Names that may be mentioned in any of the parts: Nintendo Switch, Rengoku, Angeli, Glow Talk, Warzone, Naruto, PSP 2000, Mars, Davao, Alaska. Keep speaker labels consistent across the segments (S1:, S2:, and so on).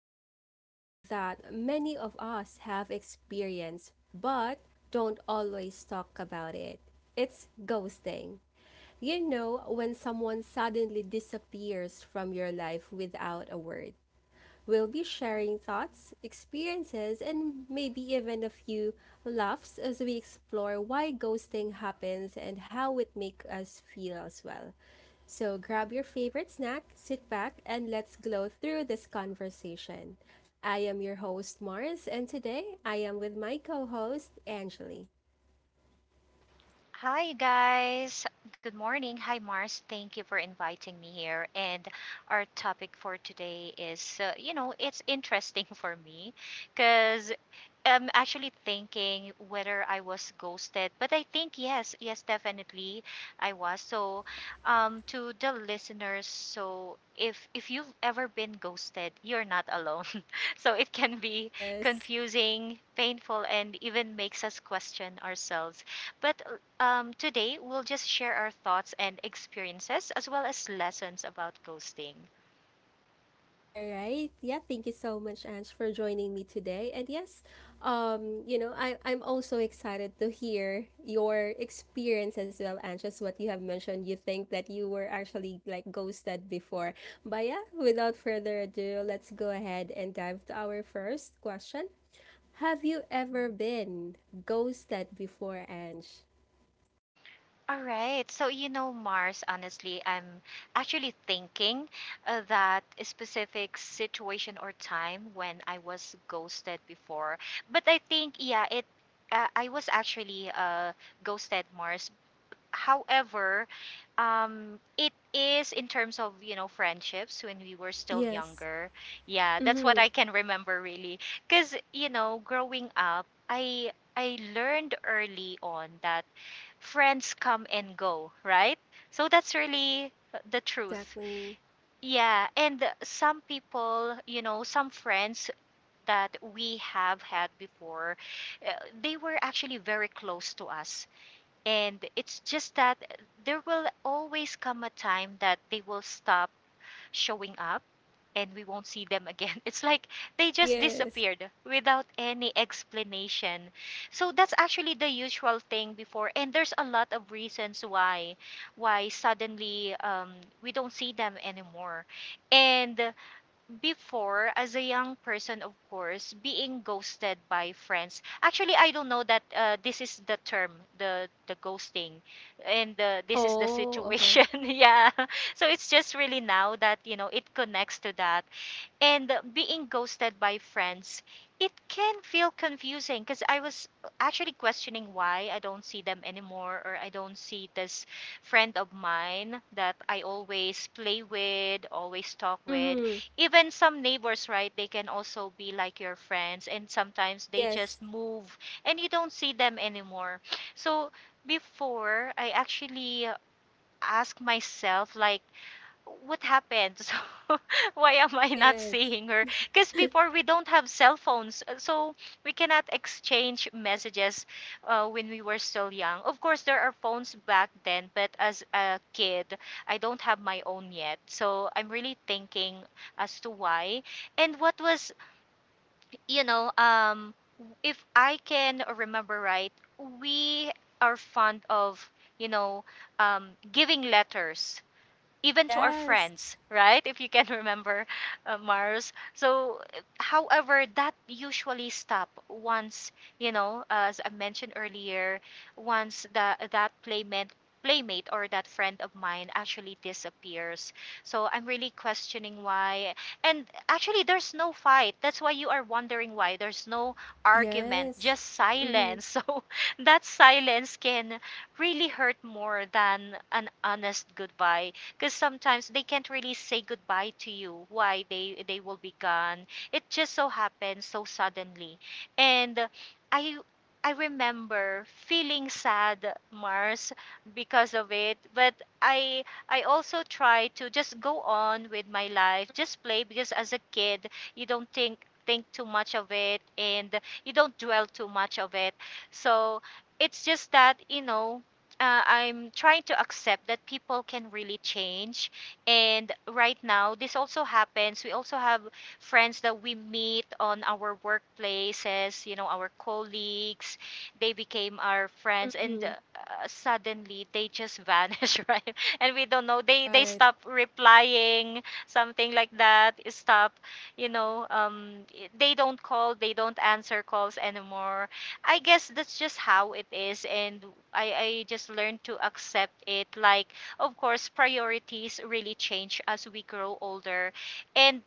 S1: into a topic that many of us have experienced but don't always talk about it. It's ghosting. You know, when someone suddenly disappears from your life without a word. We'll be sharing thoughts, experiences, and maybe even a few laughs as we explore why ghosting happens and how it makes us feel as well. So grab your favorite snack, sit back, and let's glow through this conversation. I am your host, Mars, and today I am with my co host, Angeli.
S2: Hi, guys. Good morning. Hi, Mars. Thank you for inviting me here. And our topic for today is, it's interesting for me because I'm actually thinking whether I was ghosted, but I think yes, definitely I was. So, to the listeners, so if you've ever been ghosted, you're not alone. So it can be
S1: Yes.
S2: confusing, painful, and even makes us question ourselves. But Today we'll just share our thoughts and experiences as well as lessons about ghosting.
S1: All right. Yeah, thank you so much, Ange, for joining me today. And yes, I'm also excited to hear your experience as well, Ange, as what you have mentioned. You think that you were actually like ghosted before. But yeah, without further ado, let's go ahead and dive to our first question. Have you ever been ghosted before, Ange?
S2: All right. So, you know, Mars, honestly, I'm actually thinking that a specific situation or time when I was ghosted before. But I think, yeah, I was actually ghosted, Mars. However, it is in terms of, you know, friendships when we were still
S1: Yes.
S2: younger. Yeah, that's what
S1: Mm-hmm.
S2: I can remember really. Because, you know, growing up, I learned early on that friends come and go, right? So that's really the truth.
S1: Exactly.
S2: Yeah, and some people, you know, some friends that we have had before, uh, they were actually very close to us. And it's just that there will always come a time that they will stop showing up and we won't see them again. It's like they just
S1: Yes.
S2: disappeared without any explanation. So that's actually the usual thing before, and there's a lot of reasons why suddenly we don't see them anymore. And before, as a young person, of course being ghosted by friends, actually I don't know that this is the term, the ghosting, and this is the
S1: Oh, okay.
S2: situation. Yeah, so it's just really now that you know it connects to that. And being ghosted by friends, it can feel confusing because I was actually questioning why I don't see them anymore, or I don't see this friend of mine that I always play with, always talk with.
S1: Mm-hmm.
S2: Even some neighbors, right? They can also be like your friends, and sometimes they just
S1: Yes.
S2: move and you don't see them anymore. So before, I actually ask myself like what happened? So why am I not
S1: Yes.
S2: seeing her? Because before we don't have cell phones, so we cannot exchange messages when we were still young. Of course, there are phones back then, but as a kid, I don't have my own yet. So I'm really thinking as to why, and what was, you know um if I can remember right, we are fond of, you know giving letters even to our
S1: Yes,
S2: friends, right? If you can remember, Mars. So, however, that usually stop once, you know, as I mentioned earlier, once that that playmate or that friend of mine actually disappears. So I'm really questioning why. And actually, there's no fight. That's why you are wondering why. There's no argument,
S1: yes.
S2: just
S1: Mm-hmm.
S2: silence. So that silence can really hurt more than an honest goodbye, because sometimes they can't really say goodbye to you why they will be gone. It just so happens so suddenly, and i I remember feeling sad, Mars, because of it. But i I also try to just go on with my life, just play, because as a kid you don't think too much of it, and you don't dwell too much of it. So it's just that, you know, I'm trying to accept that people can really change. And right now, this also happens. We also have friends that we meet on our workplaces, you know, our colleagues. They became our friends, and
S1: Mm-hmm.
S2: suddenly they just vanish, right? And we don't know. They
S1: Right.
S2: stop replying, something like that. Stop, you know. Um, they don't call. They don't answer calls anymore. I guess that's just how it is, and I just learned to accept it. Like, of course, priorities really change as we grow older, and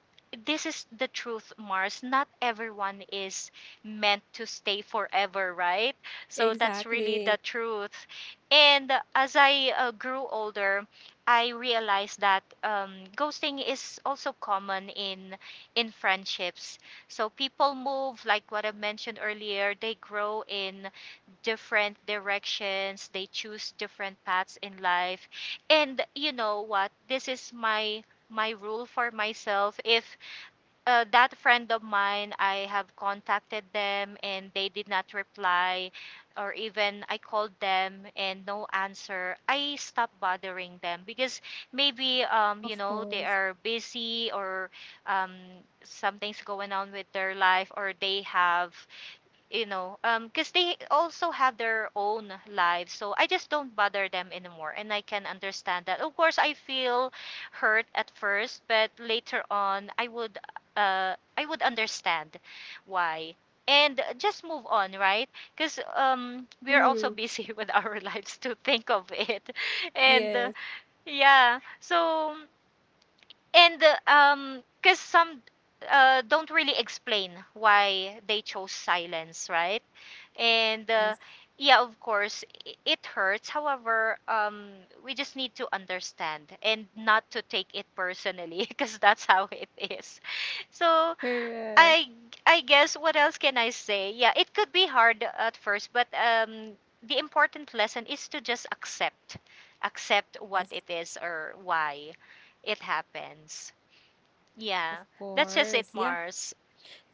S2: this is the truth, Mars. Not everyone is meant to stay forever, right? So that's really
S1: Exactly.
S2: the truth. And as I grew older, I realized that ghosting is also common in friendships. So people move, like what I mentioned earlier, they grow in different directions, they choose different paths in life. And you know what? This is my rule for myself: if that friend of mine, I have contacted them and they did not reply, or even I called them and no answer, I stopped bothering them because maybe you
S1: Of
S2: know, they
S1: course.
S2: are busy, or um, something's going on with their life, or they have, because they also have their own lives, so I just don't bother them anymore and I can understand that. Of course, I feel hurt at first, but later on I would, I would understand why and just move on, right? Because we're also
S1: Mm-hmm.
S2: busy with our lives to think of it. And
S1: Yes.
S2: yeah so and Because some don't really explain why they chose silence, right? and
S1: Yes.
S2: Yeah, of course it hurts. However, we just need to understand and not to take it personally because that's how it is. So
S1: Correct.
S2: i I guess what else can I say? Yeah, it could be hard at first, but the important lesson is to just accept what
S1: Yes.
S2: it is or why it happens.
S1: Of
S2: Yeah, that's just it,
S1: course. Yeah.
S2: Mars.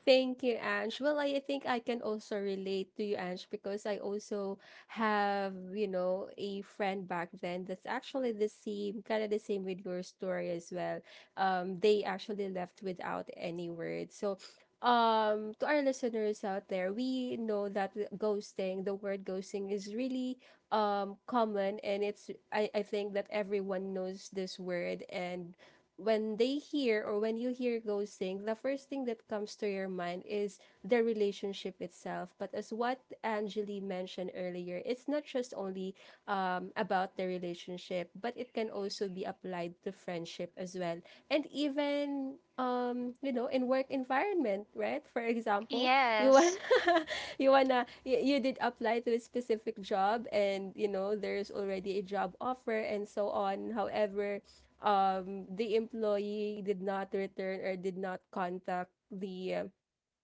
S1: Thank you, Ange. Well, I think I can also relate to you, Ange, because I also have, a friend back then that's actually the same, kind of the same with your story as well. They actually left without any words. So, to our listeners out there, we know that the ghosting, the word ghosting, is really common, and it's I think that everyone knows this word, and when they hear or when you hear ghosting, the first thing that comes to your mind is the relationship itself. But as what Angeli mentioned earlier, it's not just only about the relationship, but it can also be applied to friendship as well. And even in work environment, right? For example, you want
S2: Yes.
S1: you did apply to a specific job, and there's already a job offer and so on. However, the employee did not return or did not contact the uh,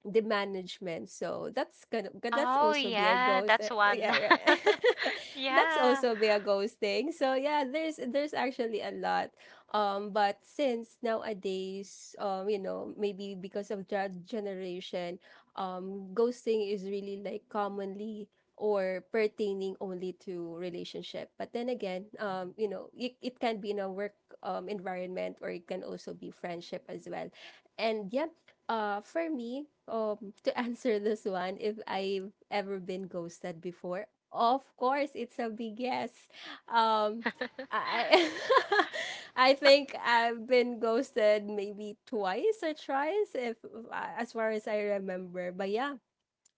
S1: the management. So that's kind of but that's
S2: Oh
S1: also be a
S2: yeah,
S1: ghost.
S2: that's one.
S1: Yeah, right. That's
S2: Yeah.
S1: also be a ghost thing. So yeah, there's actually a lot. But since nowadays, maybe because of that generation, ghosting is really like commonly or pertaining only to relationship, but then again, it can be in a work environment, or it can also be friendship as well. And yeah, for me, to answer this one, if I've ever been ghosted before, of course, it's a big yes. Um, I I think I've been ghosted maybe twice or thrice, if as far as I remember. But yeah,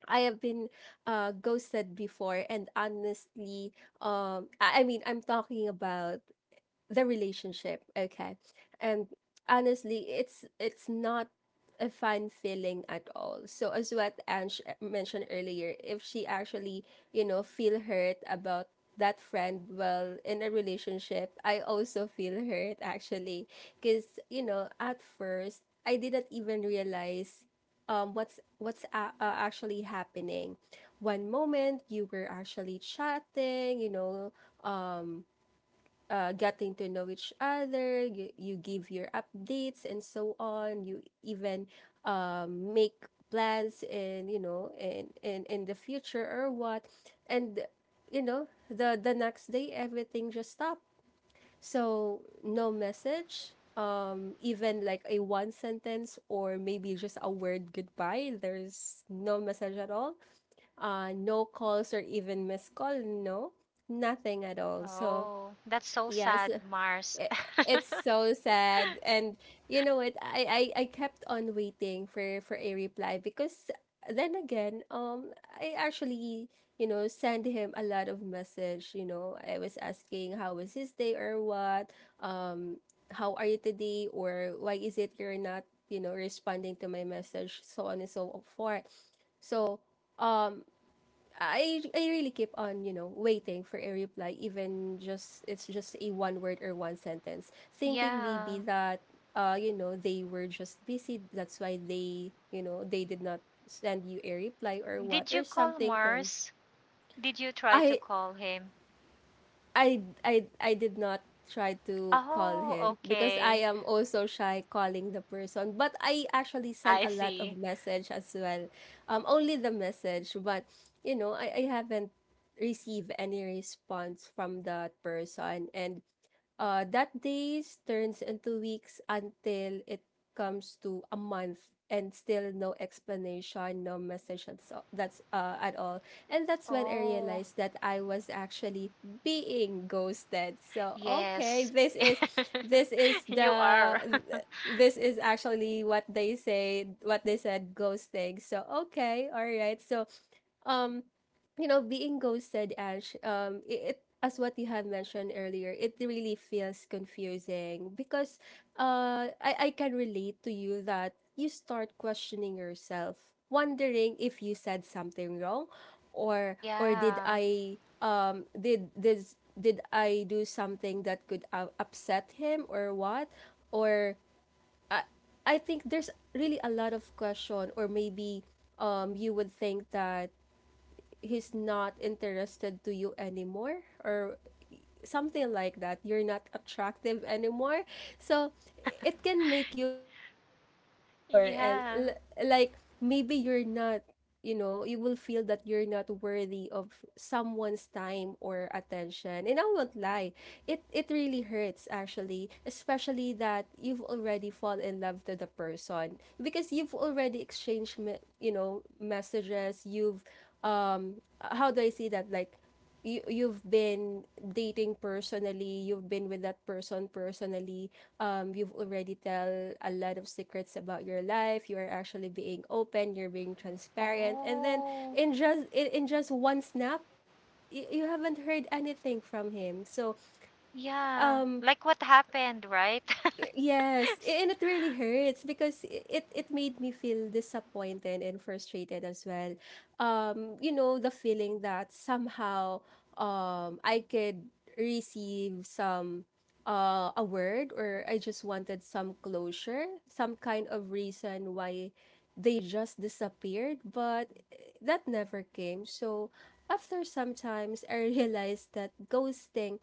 S1: I have been ghosted before, and honestly, I mean, I'm talking about the relationship, okay. And honestly, it's not a fun feeling at all. So as what Ange mentioned earlier, if she actually feel hurt about that friend, well, in a relationship I also feel hurt actually, because at first I didn't even realize actually happening. One moment you were actually chatting, getting to know each other, you give your updates and so on. You even make plans, and you know and in the future or what. And you know the the next day everything just stopped. So no message, even like a one sentence or maybe just a word goodbye. There's no message at all. No calls or even missed call. No, nothing at all. So
S2: Oh, that's so
S1: yes,
S2: sad, Mars.
S1: i- it's so sad. And you know what, I kept on waiting for a reply, because then again, I actually, sent him a lot of message. I was asking how was his day or what, um how are you today or why is it you're not, responding to my message, so on and so forth. So, um I really keep on, waiting for a reply, even just it's just a one word or one sentence, thinking maybe
S2: Yeah.
S1: that, they were just busy, that's why they did not send you a reply or what
S2: Did you
S1: or
S2: call,
S1: something.
S2: Mars? Did you try to
S1: I
S2: call him?
S1: I did not try to call
S2: Oh,
S1: him because
S2: okay.
S1: I am also shy calling the person. But I actually sent
S2: I
S1: a lot of
S2: see.
S1: message as well. Only the message, but I haven't received any response from that person. And that days turns into weeks until it comes to a month, and still no explanation, no message, and so that's at all. And that's when I
S2: Oh,
S1: realized that I was actually being ghosted. So okay,
S2: yes.
S1: this is
S2: You are.
S1: the this is actually what they said, ghosting. So okay, all right. So um being ghosted, ash, it, as what you have mentioned earlier, it really feels confusing, because I can relate to you that you start questioning yourself, wondering if you said something wrong, or did
S2: Yeah.
S1: I did this did I do something that could upset him or what. Or I, I think there's really a lot of question, or maybe you would think that he's not interested to you anymore, or something like that, you're not attractive anymore. So it can make you feel insecure and,
S2: Yeah.
S1: like, maybe you're not you know you will feel that you're not worthy of someone's time or attention. And I won't lie, it really hurts actually, especially that you've already fallen in love to the person, because you've already exchanged messages. You've um how do I say that, like, you've been dating personally, you've been with that person personally, you've already tell a lot of secrets about your life, you are actually being open, you're being transparent, and then
S2: Oh,
S1: in just one snap, you haven't heard anything from him. So
S2: yeah.
S1: um
S2: Like what happened, right?
S1: yes, and it really hurts because it made me feel disappointed and frustrated as well. The feeling that somehow I could receive some a word, or I just wanted some closure, some kind of reason why they just disappeared, but that never came. So after some times, I realized that ghosting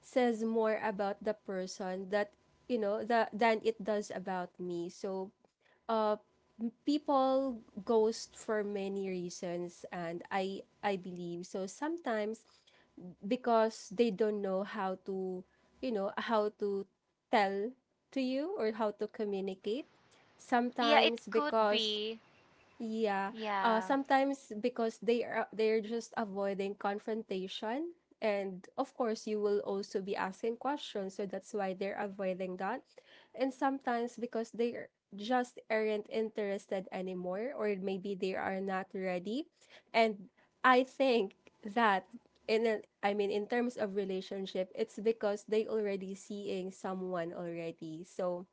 S1: says more about the person that you know the, than it does about me. So people ghost for many reasons, and I believe so. Sometimes because they don't know how to, how to tell to you or how to communicate,
S2: Yeah, it
S1: sometimes
S2: could
S1: because
S2: be.
S1: yeah.
S2: Yeah.
S1: Sometimes because they're just avoiding confrontation. And of course, you will also be asking questions, so that's why they're avoiding that. And sometimes because just aren't interested anymore, or maybe they are not ready. And I think that, I mean, in terms of relationship, it's because they already seeing someone already. So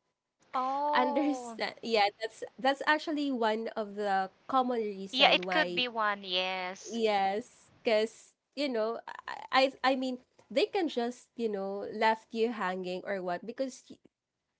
S2: Oh,
S1: understand. Yeah, that's actually one of the common
S2: yeah,
S1: reason
S2: it could
S1: why.
S2: be one, yes.
S1: Yes, because I mean, they can just left you hanging or what, because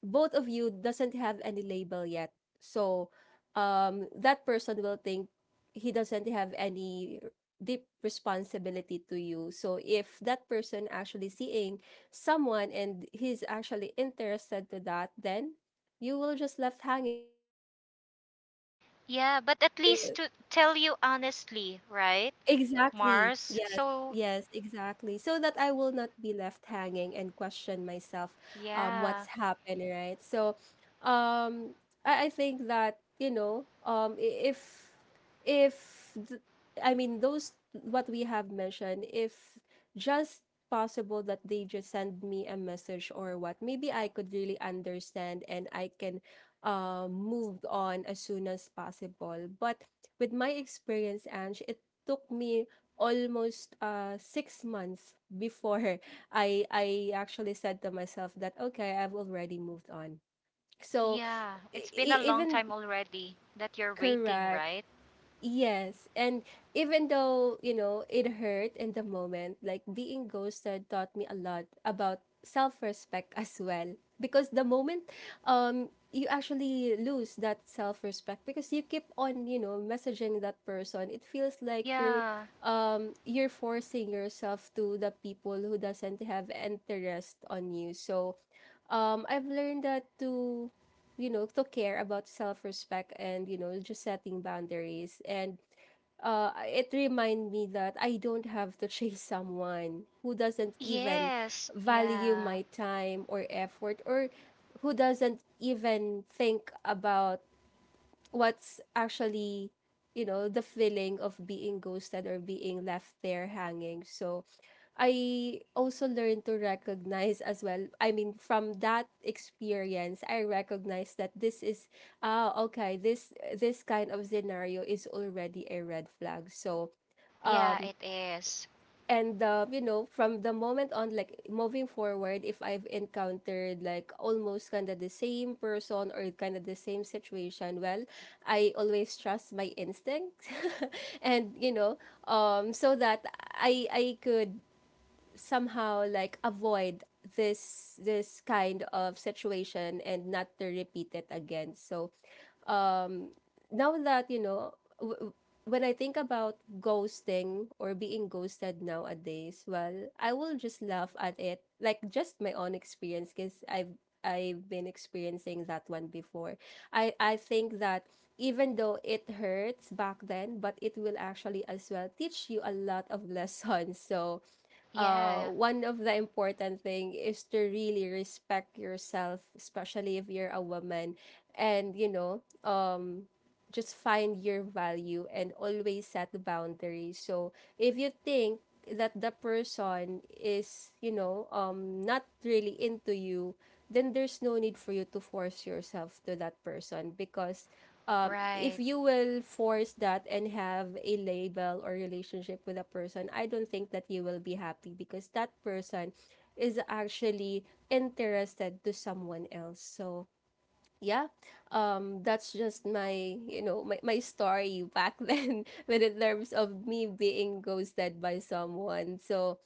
S1: both of you doesn't have any label yet. So that person will think he doesn't have any deep responsibility to you. So if that person actually seeing someone and he's actually interested to that, then you will just left hanging. So that's the ghosting.
S2: Yeah, but
S1: um
S2: at least to tell you honestly, right,
S1: Exactly.
S2: Mars?
S1: Yes.
S2: So,
S1: Yes, exactly. So that I will not be left hanging and question myself,
S2: yeah,
S1: what's happened, right? So um I think that, you know, I- if th- I mean those what we have mentioned, if just possible that they just send me a message or what, maybe I could really understand and I can move on as soon as possible. But with my experience, Ange, it took me almost 6 months before I actually said to myself that okay, I've already moved on. So
S2: yeah, it's been a long
S1: even
S2: time already that you're waiting,
S1: correct.
S2: right?
S1: Yes, and even though, it hurt in the moment, like being ghosted taught me a lot about self-respect as well. Because the moment you actually lose that self-respect, because you keep on, messaging that person, it feels like you're
S2: Yeah,
S1: um you're forcing yourself to the people who doesn't have interest on you. So, I've learned that to, to care about self-respect, and just setting boundaries, and it reminded me that I don't have to chase someone who doesn't even
S2: yes,
S1: value
S2: yeah,
S1: my time or effort, or who doesn't even think about what's actually, the feeling of being ghosted or being left there hanging. So I also learned to recognize as well. I mean, from that experience, I recognized that this is ah, okay. This kind of scenario is already a red flag. So
S2: yeah, it is.
S1: and you know, from the moment on, like moving forward, if I've encountered like almost kind of the same person or kind of the same situation, well, I always trust my instincts. And you know, so that I could somehow like avoid this kind of situation and not to repeat it again. So um, now that when I think about ghosting or being ghosted nowadays, well, I will just laugh at it, like just my own experience, because I've been experiencing that one before. I think that even though it hurts back then, but it will actually as well teach you a lot of lessons. So,
S2: Yeah,
S1: one of the important thing is to really respect yourself, especially if you're a woman, and you know, just find your value and always set boundaries. So if you think that the person is, you know, not really into you, then there's no need for you to force yourself to that person, because if
S2: right,
S1: you will force that and have a label or relationship with a person, I don't think that you will be happy, because that person is actually interested to someone else. So yeah, that's just my my story back then when in terms of me being ghosted by someone. So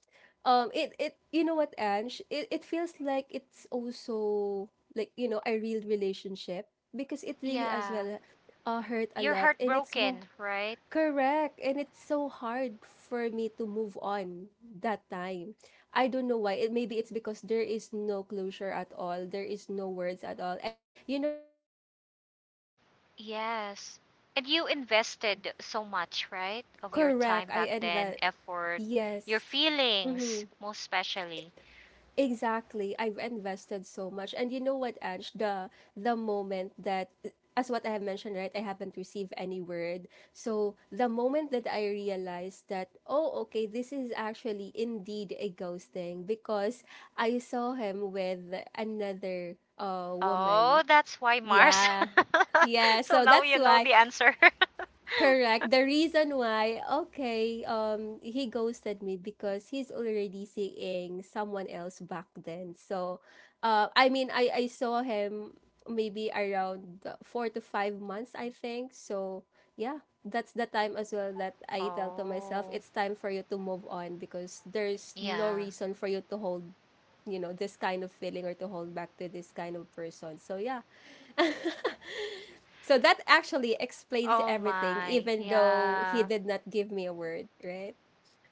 S1: it, you know what, Ange, it feels like it's also like, you know, a real relationship, because it really as
S2: yeah.
S1: well hurt a
S2: You're
S1: lot, and it's so—
S2: heartbroken, right?
S1: Correct. And it's so hard for me to move on that time. I don't know why. It maybe it's because there is no closure at all. There is no words at all. And you know what, Ange, the worst thing is that um
S2: Yes. And
S1: I
S2: you
S1: finally
S2: invested so much, right? Of your
S1: correct.
S2: time
S1: I
S2: back then,
S1: invent
S2: effort, your
S1: yes.
S2: feelings,
S1: Mhm.
S2: most especially.
S1: Exactly. I've invested so much. And you know what, Ange, the moment that, as what I have mentioned, right, I haven't received any word. So the moment that I realized that, oh, okay, this is actually indeed a ghosting, because I saw him with another
S2: Oh,
S1: woman.
S2: that's why, Mars.
S1: Yeah. Yeah,
S2: So
S1: so
S2: now
S1: that's
S2: you know
S1: why—
S2: the answer.
S1: Correct. The reason why, okay, he ghosted me because he's already seeing someone else back then. So, I mean, I saw him maybe around 4 to 5 months, I think. So, yeah, that's the time as well that I tell to myself,
S2: Oh,
S1: it's time for you to move on, because there's no
S2: yeah.
S1: reason for you to hold, you know, this kind of feeling or to hold back to this kind of person. So yeah, so that actually explains
S2: Oh
S1: everything,
S2: my,
S1: even though he
S2: yeah.
S1: did not give me a word, right?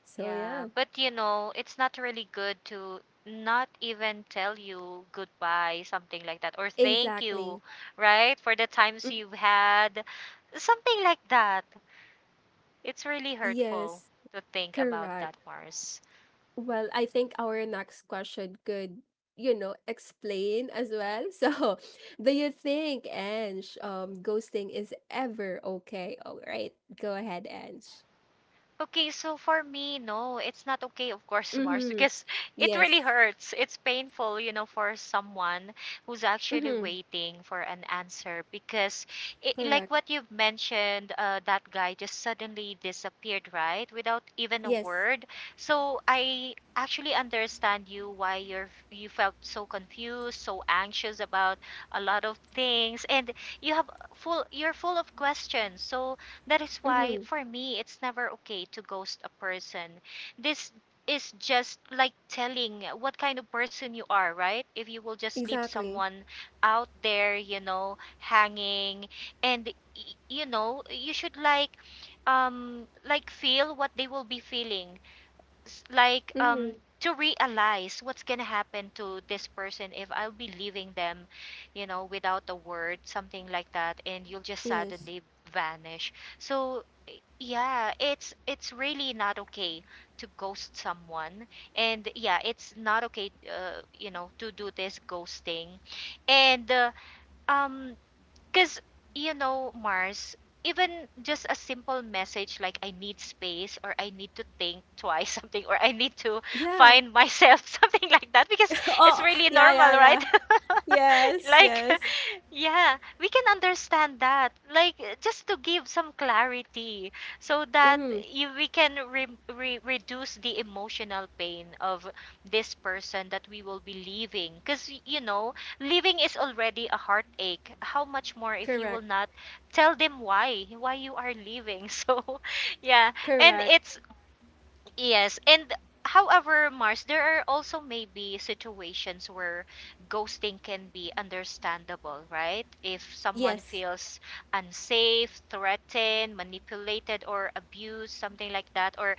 S1: So,
S2: Yeah,
S1: yeah,
S2: but you know, it's not really good to not even tell you goodbye, something like that, or thank you,
S1: exactly.
S2: right, for the times
S1: Mm,
S2: you've had, something like that. It's really hurtful
S1: yes,
S2: to think about
S1: correct.
S2: that, Mars.
S1: Well, I think our next question could, you know, explain as well. So, do you think, Ange, ghosting is ever okay? All right, go ahead, Ange.
S2: Okay, so for me, no, it's not okay, of course, Mars,
S1: Mm-hmm.
S2: because it really
S1: Yes.
S2: hurts. It's painful, you know, for someone who's actually
S1: Mm-hmm.
S2: waiting for an answer because, it, like
S1: Correct.
S2: what you've mentioned, that guy just suddenly disappeared, right? Without even a
S1: Yes.
S2: word. So I actually understand you why you felt so confused, so anxious about a lot of things, and you have full you're full of questions. So that is why,
S1: Mm-hmm.
S2: for me, it's never okay to ghost a person. This is just like telling what kind of person you are, right? If you will just leave
S1: Exactly.
S2: someone out there, you know, hanging, and y- you know, you should like feel what they will be feeling, like
S1: Mm-hmm.
S2: to realize what's gonna happen to this person if I'll be leaving them, you know, without a word, something like that, and you'll just
S1: Yes.
S2: suddenly vanish. So yeah, it's really not okay to ghost someone, and yeah, it's not okay, you know, to do this ghosting, and um because, you know, Mars, even just a simple message like I need space, or I need to think twice something, or I need to
S1: Yeah.
S2: find myself something like that, because it's
S1: Oh,
S2: really
S1: yeah,
S2: normal,
S1: yeah,
S2: right?
S1: yeah. Yes,
S2: Like
S1: yes.
S2: yeah, we can understand that. Like just to give some clarity so that
S1: Mm-hmm.
S2: we can reduce the emotional pain of this person that we will be leaving, because you know living is already a heartache. How much more if you will
S1: Correct.
S2: not tell them why you are leaving. So, yeah. And
S1: Correct.
S2: it's Yes, and however, Mars, there are also maybe situations where ghosting can be understandable, right? If someone
S1: Yes.
S2: feels unsafe, threatened, manipulated, or abused, something like that, or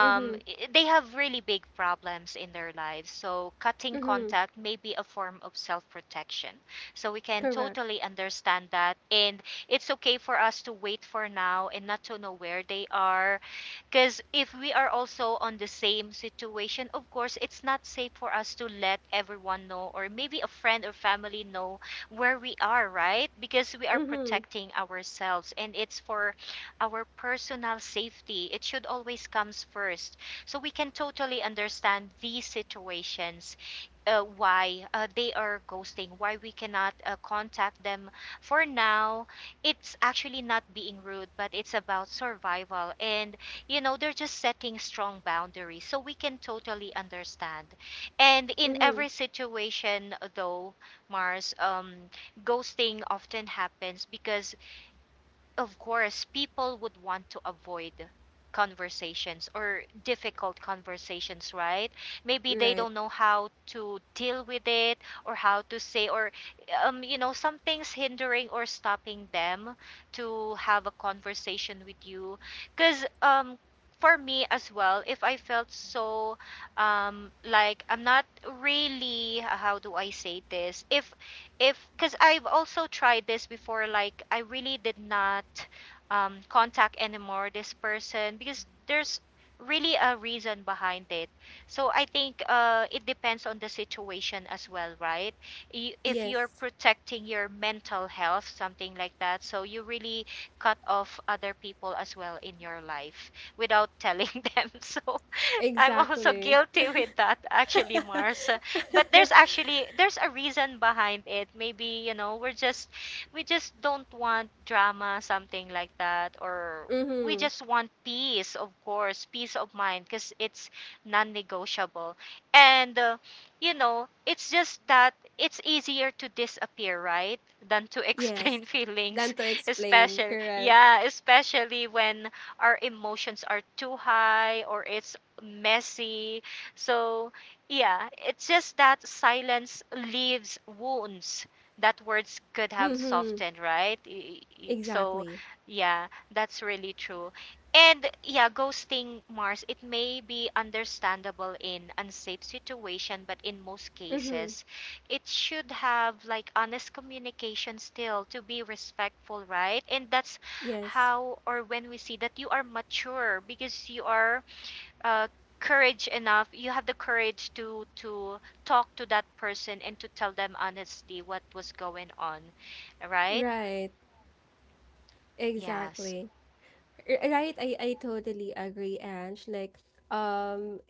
S1: Mm-hmm.
S2: i- they have really big problems in their lives, so cutting
S1: Mm-hmm.
S2: contact may be a form of self protection. So we can
S1: Correct.
S2: totally understand that. And it's okay for us to wait for now and not to know where they are, because if we are also on the same situation, of course, it's not safe for us to let everyone know, or maybe a friend or family know where we are, right? Because we are
S1: Mm-hmm.
S2: protecting ourselves and it's for our personal safety. It should always comes first. So we can totally understand these situations, why they are ghosting, why we cannot contact them for now. It's actually not being rude, but it's about survival. And you know they're just setting strong boundaries so we can totally understand and in
S1: Mm-hmm.
S2: every situation though, Mars, ghosting often happens because, of course, people would want to avoid conversations or difficult conversations, right? Maybe they
S1: Right.
S2: don't know how to deal with it or how to say or you know, something's hindering or stopping them to have a conversation with you cuz for me as well, if I felt so, like I'm not really, how do I say this, if because I've also tried this before, like I really did not contact anymore this person because there's really a reason behind it. So I think it depends on the situation as well, right? If you're
S1: Yes.
S2: protecting your mental health, something like that, so you really cut off other people as well in your life without telling them. So I'm also
S1: Exactly.
S2: guilty with that actually, Mars. But there's a reason behind it. Maybe, you know, we just don't want drama, something like that, or we
S1: Mm-hmm.
S2: just want peace, of course, peace of mind because it's non-negotiable. And you know, it's just that it's easier to disappear, right? Than to
S1: Yes.
S2: explain feelings,
S1: Learn to explain.
S2: especially
S1: Correct.
S2: yeah, especially when our emotions are too high or it's messy. So, yeah, it's just that silence leaves wounds that words could have
S1: Mm-hmm.
S2: softened, right? So,
S1: Exactly.
S2: yeah, that's really true. And yeah, ghosting, Mars, it may be understandable in unsafe situation, but in most
S1: Mm-hmm.
S2: cases, it should have like honest communication still to be respectful, right? And that's
S1: Yes.
S2: how or when we see that you are mature because you are uh, courage enough, you have the courage to talk to that person and to tell them honestly what was going on, right?
S1: Right.
S2: Yes.
S1: Exactly. R- Right. I totally agree, Ange. Like, um,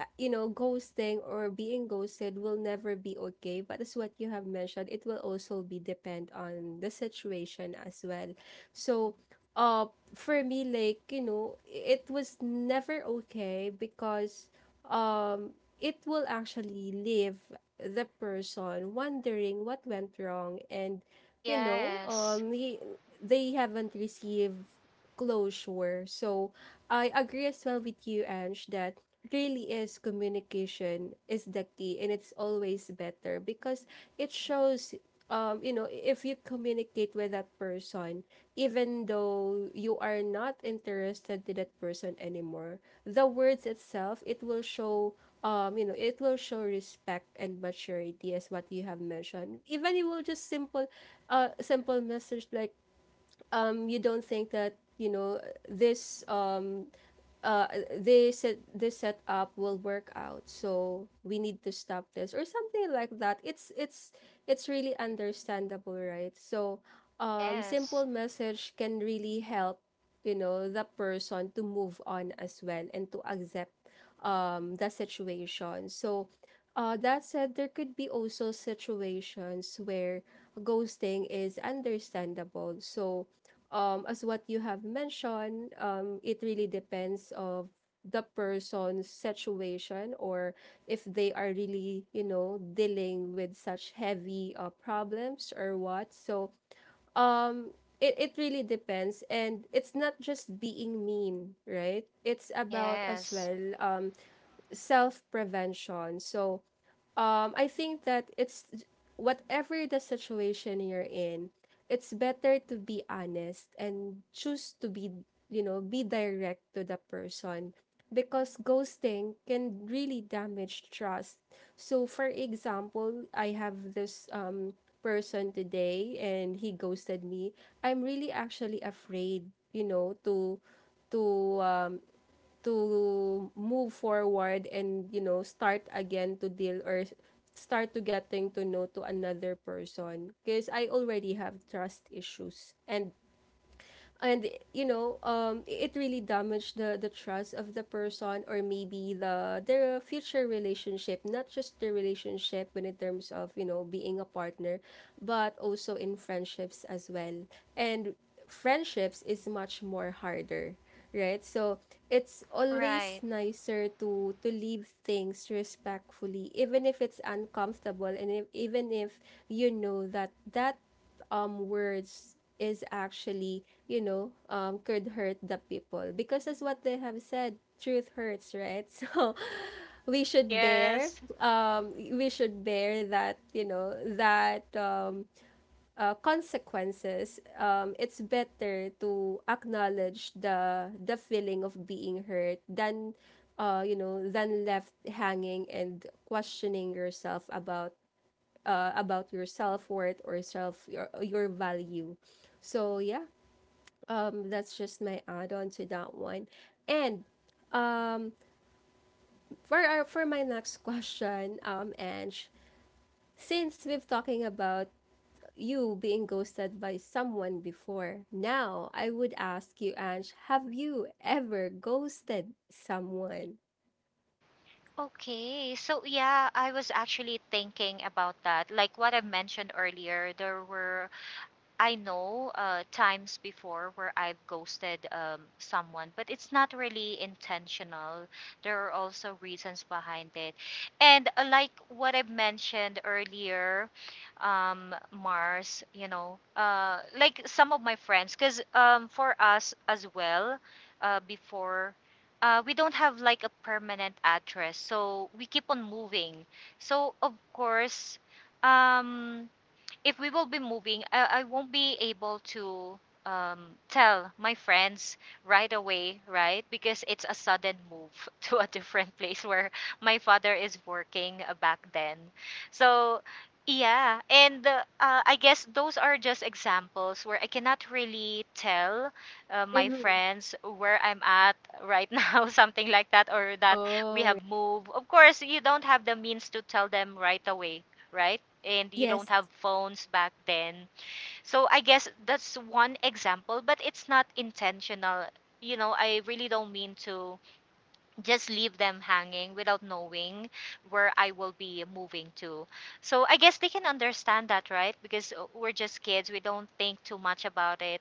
S1: you know, ghosting or being ghosted will never be okay. But as what you have mentioned, it will also be depend on the situation as well. So, uh, for me, like, you know, it was never okay, because it will actually leave the person wondering what went wrong, and, you know,
S2: Yes.
S1: he, they haven't received closure. So, I agree as well with you, Ange, that really is communication is the key, and it's always better, because it shows you know, if you communicate with that person, even though you are not interested to that person anymore, the words itself, it will show you know, it will show respect and maturity, as what you have mentioned. Even it will just simple simple message, like you don't think that, you know, this uh they said this setup will work out, so we need to stop this, or something like that. It's it's really understandable, right? So
S2: Yes.
S1: simple message can really help, you know, the person to move on as well and to accept the situation. So that said, there could be also situations where ghosting is understandable. So as what you have mentioned, it really depends of the person's situation, or if they are really, you know, dealing with such heavy problems or what. So, um, it really depends. And it's not just being mean, right? It's about as
S2: Yes.
S1: well self prevention. So, I think that it's whatever the situation you're in, it's better to be honest and choose to be, you know, be direct to the person, because ghosting can really damage trust. So, for example, I have this person today and he ghosted me. I'm really actually afraid, you know, to um, to move forward and, you know, start again to deal or start to getting to know to another person, because I already have trust issues, and you know it really damaged the trust of the person, or maybe the their future relationship, not just their relationship when in terms of, you know, being a partner, but also in friendships as well. And friendships is much more harder, right? So it's always
S2: Right.
S1: nicer to leave things respectfully, even if it's uncomfortable, and if, even if you know that that words is actually, you know, could hurt the people, because as what they have said, truth hurts, right? So we should bear
S2: Yes.
S1: we should bear that, you know, that consequences. It's better to acknowledge the feeling of being hurt than you know, than left hanging and questioning yourself about your self worth or self your value. So yeah, that's just my add on to that one. And um, for our, for my next question, Ange, since we've talking about you being ghosted by someone before, now I would ask you, Ange, have you ever ghosted someone?
S2: Okay, so yeah, I was actually thinking about that. Like what I mentioned earlier, there were, I know, times before where I've ghosted someone, but it's not really intentional. There are also reasons behind it. And like what I mentioned earlier, Mars, you know, like some of my friends, because for us as well, before. We don't have like a permanent address, so we keep on moving. So of course, um, if we will be moving, I won't be able to tell my friends right away, right? Because it's a sudden move to a different place where my father is working back then. So, yeah. And I guess those are just examples where I cannot really tell my
S1: Mm-hmm.
S2: friends where I'm at right now, something like that, or that we
S1: Oh,
S2: have moved. Of course, you don't have the means to tell them right away, right? And you don't
S1: yes.
S2: have phones back then. So I guess that's one example, but it's not intentional. You know, I really don't mean to just leave them hanging without knowing where I will be moving to. So I guess they can understand that, right? Because we're just kids, we don't think too much about it.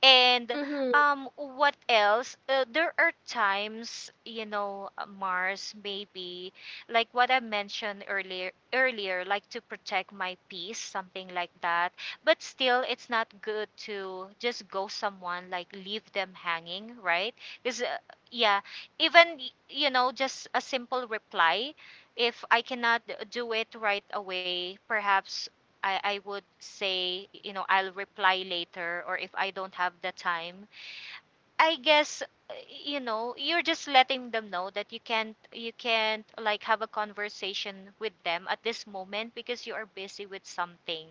S2: And
S1: Mm-hmm.
S2: what else? There are times, you know, Mars, maybe, like what I mentioned earlier, earlier, like to protect my peace, something like that. But still, it's not good to just go someone, like leave them hanging, right? Because yeah, even you know, just a simple reply. If I cannot do it right away, perhaps I would say, you know, I'll reply later or if I don't have the time. I guess you know, you're just letting them know that you can't like have a conversation with them at this moment because you are busy with something,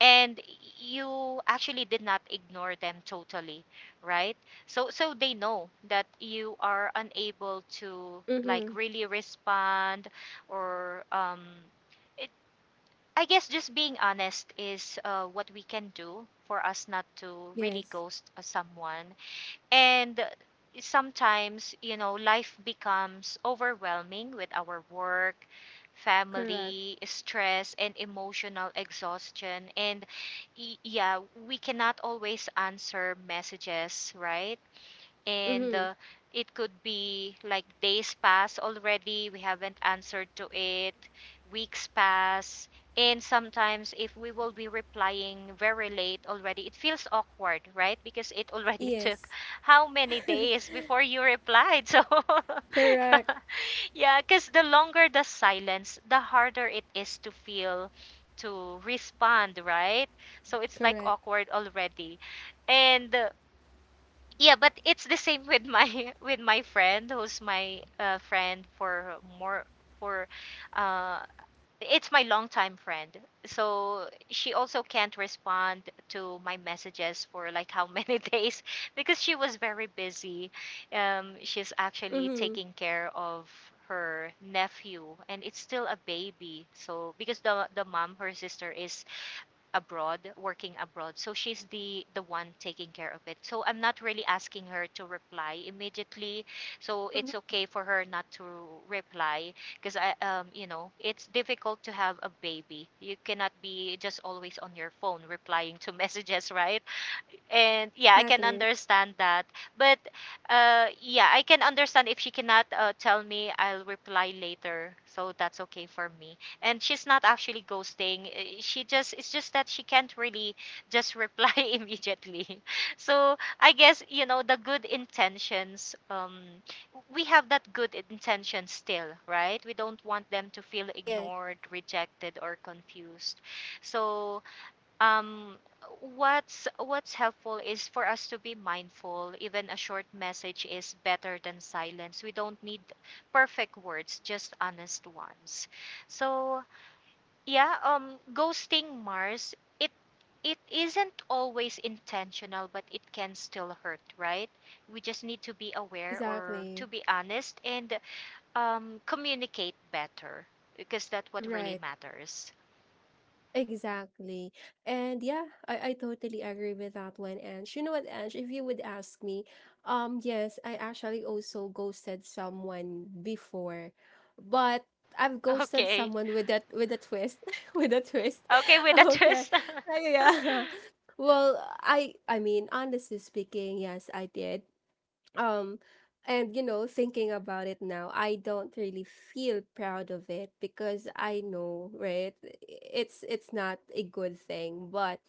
S2: and you actually did not ignore them totally, right? So so they know that you are unable to like
S1: Mm-hmm.
S2: really respond or it, I guess just being honest is what we can do for us not to really
S1: Yes.
S2: ghost someone. And sometimes, you know, life becomes overwhelming with our work,
S1: Correct.
S2: family, stress, and emotional exhaustion. And yeah, we cannot always answer messages, right? And
S1: Mm-hmm.
S2: it could be like days pass already, we haven't answered to it, weeks pass, and sometimes if we will be replying very late already, it feels awkward, right? Because it already took
S1: Yes.
S2: how many days before you replied, so
S1: Correct.
S2: yeah, because the longer the silence, the harder it is to feel, to respond, right? So it's like
S1: Correct.
S2: awkward already. And yeah, but it's the same with my with my friend who's my friend for more for uh it's my longtime friend. So she also can't respond to my messages for like how many days because she was very busy. She's actually
S1: Mm-hmm.
S2: taking care of her nephew and it's still a baby. So because the mom, her sister, is abroad, working abroad. So she's the one taking care of it. So I'm not really asking her to reply immediately. So
S1: Hmm.
S2: it's okay for her not to reply because I, you know, it's difficult to have a baby. You cannot be just always on your phone replying to messages, right? And yeah, I can
S1: Exactly.
S2: understand that. But yeah, I can understand if she cannot tell me I'll reply later, so that's okay for me. And she's not actually ghosting, eh, she just, it's just that she can't really just reply immediately. So I guess, you know, the good intentions, we have that good intention still, right? We don't want them to feel
S1: Yes,
S2: ignored, rejected, or confused. So um what's helpful is for us to be mindful. Even a short message is better than silence. We don't need perfect words, just honest ones. So yeah, ghosting, Mars, it isn't always intentional, but it can still hurt, right? We just need to be aware or to
S1: exactly.
S2: be honest and communicate better because that's what really
S1: Right.
S2: matters.
S1: Exactly. And yeah, I totally agree with that one, Ange. You know what, Ange, if you would ask me, yes, I actually also ghosted someone before, but I've ghosted
S2: Okay.
S1: someone with that with a twist. With a twist.
S2: Okay, with a
S1: Okay.
S2: twist.
S1: Yeah. Well, I mean, honestly speaking, yes, I did. um and you know, thinking about it now, I don't really feel proud of it, because I know, right, it's not a good thing. But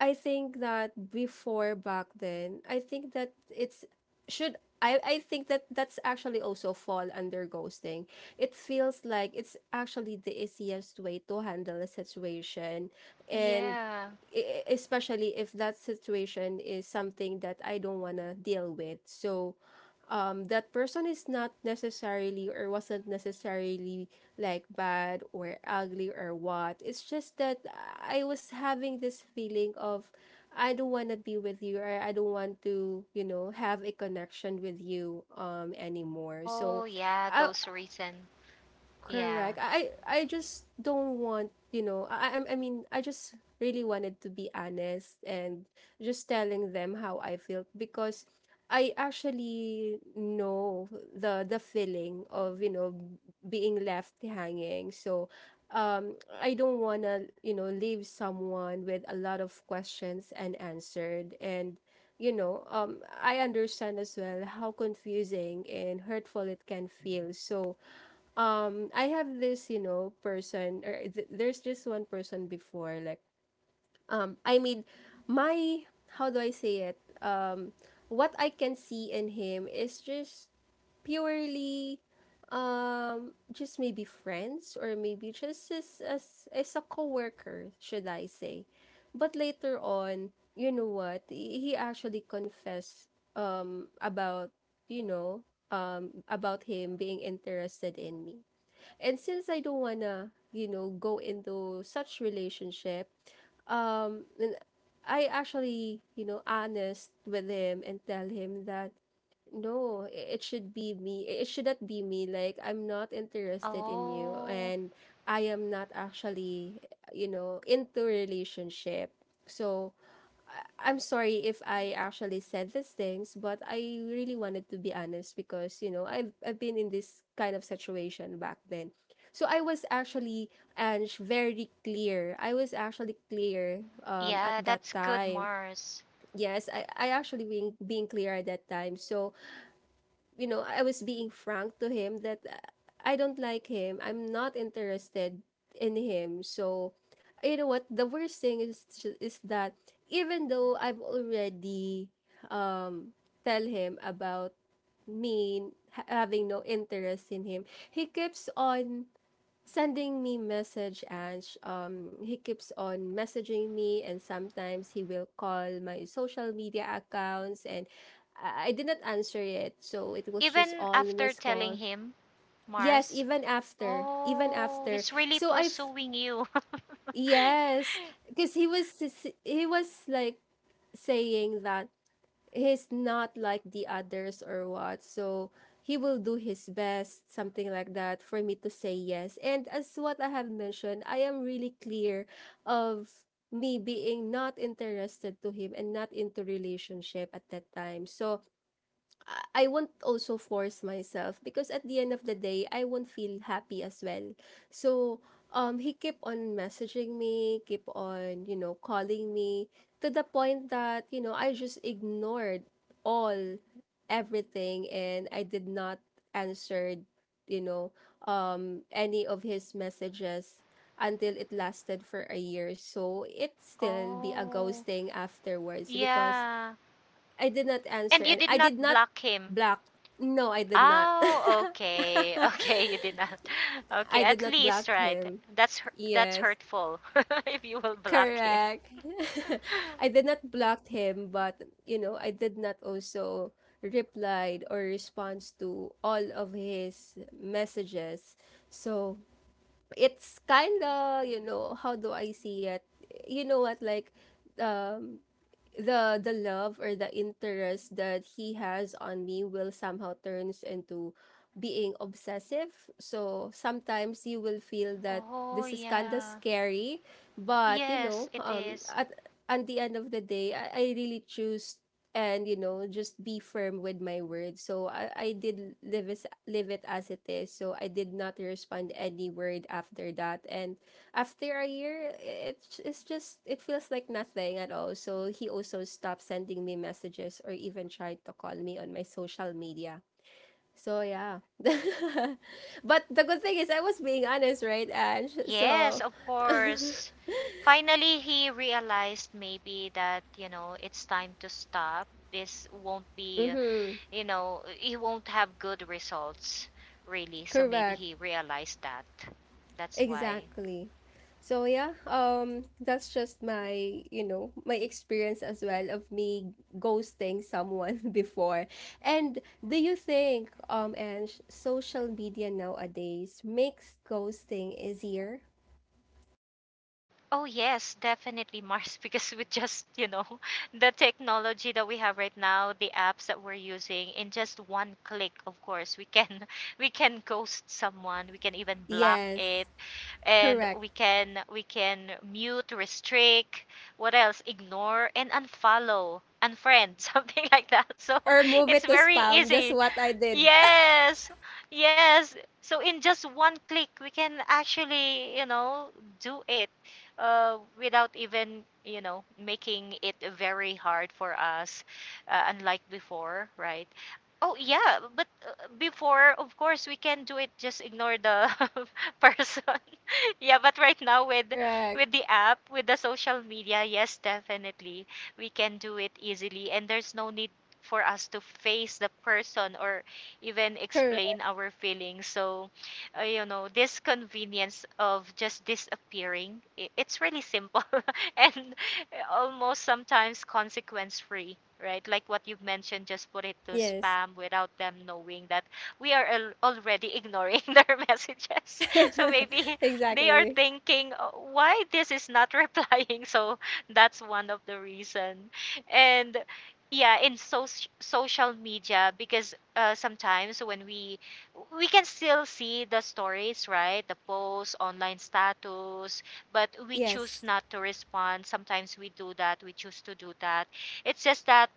S1: I think that before back then, I think that it's should, I think that that's actually also fall under ghosting. It feels like it's actually the easiest way to handle a situation, and
S2: Yeah.
S1: especially if that situation is something that I don't want to deal with. So that person is not necessarily or wasn't necessarily like bad or ugly or what. It's just that I was having this feeling of I don't want to be with you, or I don't want to, you know, have a connection with you anymore.
S2: Oh,
S1: So
S2: yeah,
S1: I—
S2: those recent.
S1: Correct.
S2: Yeah.
S1: I just don't want, you know, I mean, I just really wanted to be honest and just telling them how I felt, because I actually know the feeling of, you know, being left hanging. So, um I don't want to, you know, leave someone with a lot of questions unanswered, and you know, I understand as well how confusing and hurtful it can feel. So, I have this, you know, person, or there's this one person before, like I mean, my, how do I say it, what I can see in him is just purely just maybe friends, or maybe just as a coworker, should I say. But later on, you know what, he actually confessed about, you know, about him being interested in me. And since I don't wanna, you know, go into such relationship, then I actually, you know, honest with him and tell him that no, it should be me. It should not be me. Like I'm not interested in you,
S2: Oh,
S1: and I am not actually, you know, into relationship. So I'm sorry if I actually said these things, but I really wanted to be honest, because, you know, I've been in this kind of situation back then. So I was actually, Ange, very clear. I was actually clear at
S2: yeah,
S1: that
S2: that's good,
S1: time.
S2: Mars.
S1: Yes, I actually being clear at that time. So you know, I was being frank to him that I don't like him. I'm not interested in him. So, you know what? The worst thing is that even though I've already um tell him about having no interest in him, he keeps on sending me message and he keeps on messaging me, and sometimes he will call my social media accounts, and I did not answer it, so it was just
S2: Even
S1: all
S2: after
S1: missed
S2: telling
S1: call.
S2: him,
S1: Yes,
S2: Mars,
S1: even after even
S2: oh,
S1: after
S2: he's really
S1: so I've.
S2: pursuing you.
S1: Yes, because he was like saying that he's not like the others or what. So he will do his best, something like that, for me to say yes. And as what I have mentioned, I am really clear of me being not interested to him and not into relationship at that time. So I won't also force myself because at the end of the day, I won't feel happy as well. So, he kept on messaging me, keep on, calling me, to the point that, you know, I just ignored all everything, and I did not answer, you know, any of his messages until it lasted for a year. So, it still be a
S2: Oh,
S1: ghosting afterwards because
S2: yeah.
S1: I did not answer
S2: And you
S1: and
S2: did
S1: I did
S2: not
S1: not
S2: block him.
S1: block. No, I did not.
S2: Oh, okay. Okay, you did not. Okay,
S1: I did
S2: at
S1: not
S2: least,
S1: block
S2: right.
S1: him.
S2: That's
S1: Yes.
S2: hurtful if you will block him.
S1: Correct. I did not block him, but you know, I did not also replied or response to all of his messages. So it's kinda, you know, how do I see it? You know what, like um the love or the interest that he has on me will somehow turns into being obsessive. So sometimes you will feel that
S2: Oh,
S1: this is kind of
S2: yeah.
S1: scary, but you know,
S2: Yes, it is.
S1: at the end of the day, I really choose, and you know just be firm with my words, so I did live it as it is, so I did not respond any word after that. And after a year it's just it feels like nothing at all, so he also stopped sending me messages or even tried to call me on my social media. So yeah. But the good thing is I was being honest, right? And
S2: Yes,
S1: so
S2: of course. Finally, he realized maybe that, you know, it's time to stop. This won't be, you know, he won't have good results, really. So maybe
S1: correct.
S2: he realized that. That's why.
S1: Exactly. So yeah, that's just my, you know, my experience as well of me ghosting someone before. And do you think and social media nowadays makes ghosting easier?
S2: Oh, yes, definitely, Mars, because with just, you know, the technology that we have right now, the apps that we're using, in just one click, of course, we can we can ghost someone, we can even block
S1: Yes,
S2: it, and
S1: correct.
S2: we can mute, restrict, what else? Ignore and unfollow, unfriend, something like that. So
S1: Or move
S2: it's
S1: it to
S2: very
S1: spam, just
S2: easy.
S1: what I did.
S2: Yes, yes. So in just one click, we can actually, you know, do it without even, you know, making it very hard for us, unlike before, right? Oh, yeah, but before, of course, we can do it, just ignore the person. Yeah, but right now with
S1: Correct.
S2: the app, with the social media, yes, definitely we can do it easily and there's no need for us to face the person or even explain
S1: Correct.
S2: our feelings. So, you know, this convenience of just disappearing, it's really simple and almost sometimes consequence free, right? Like what you mentioned, just put it to
S1: Yes.
S2: spam without them knowing that we are already ignoring their messages. So maybe they are
S1: Exactly.
S2: thinking, Why this is not replying?" So that's one of the reason. And yeah, in social media, because sometimes when we can still see the stories, right? The posts, online status, but we choose
S1: Yes.
S2: not to respond. Sometimes we do that, we choose to do that. It's just that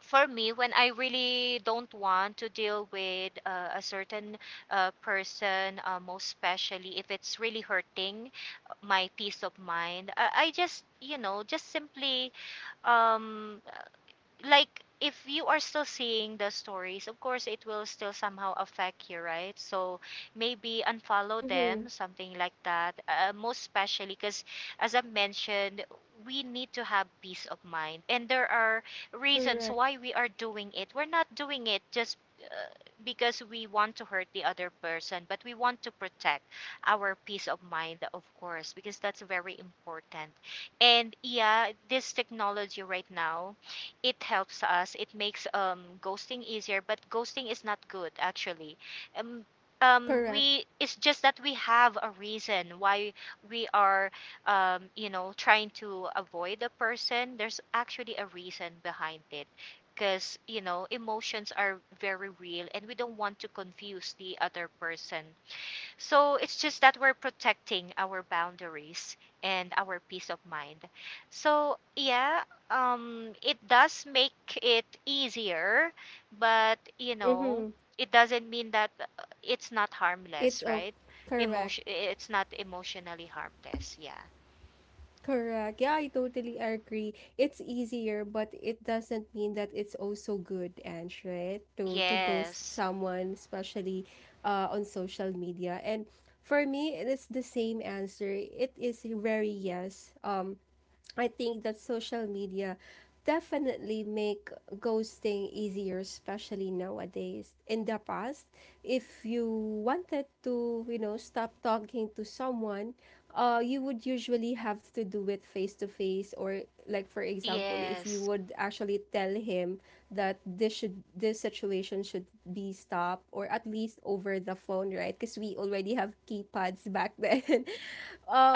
S2: for me, when I really don't want to deal with a certain person, most especially if it's really hurting my peace of mind, I just, you know, just simply um like if you are still seeing the stories, of course it will still somehow affect you, right? So maybe unfollow them,
S1: Mhm.
S2: something like that, most especially because as I mentioned, we need to have peace of mind. And there are reasons
S1: Correct.
S2: why we are doing it. We're not doing it just uh, because we want to hurt the other person, but we want to protect our peace of mind, of course, because that's very important. And yeah, this technology right now, it helps us. It makes ghosting easier, but ghosting is not good actually. Um, um,
S1: Correct.
S2: we it's just that we have a reason why we are you know, trying to avoid a person. There's actually a reason behind it because you know emotions are very real, and we don't want to confuse the other person, so it's just that we're protecting our boundaries and our peace of mind. So yeah, it does make it easier, but you know,
S1: Mhm.
S2: it doesn't mean that it's not
S1: It's
S2: harmless,
S1: okay.
S2: right?
S1: Correct.
S2: Emotion, it's not emotionally harmless. Yeah.
S1: Correct. Yeah, I totally agree. It's easier, but it doesn't mean that it's also good, and right? to ghost
S2: Yes.
S1: someone, especially on social media. And for me, it's the same answer. It is very yes. I think that social media definitely make ghosting easier, especially nowadays. In the past, if you wanted to, you know, stop talking to someone, you would usually have to do it face to face, or like for example, if you
S2: Yes.
S1: would actually tell him that this situation should be stopped, or at least over the phone, right? Because we already have keypads back then.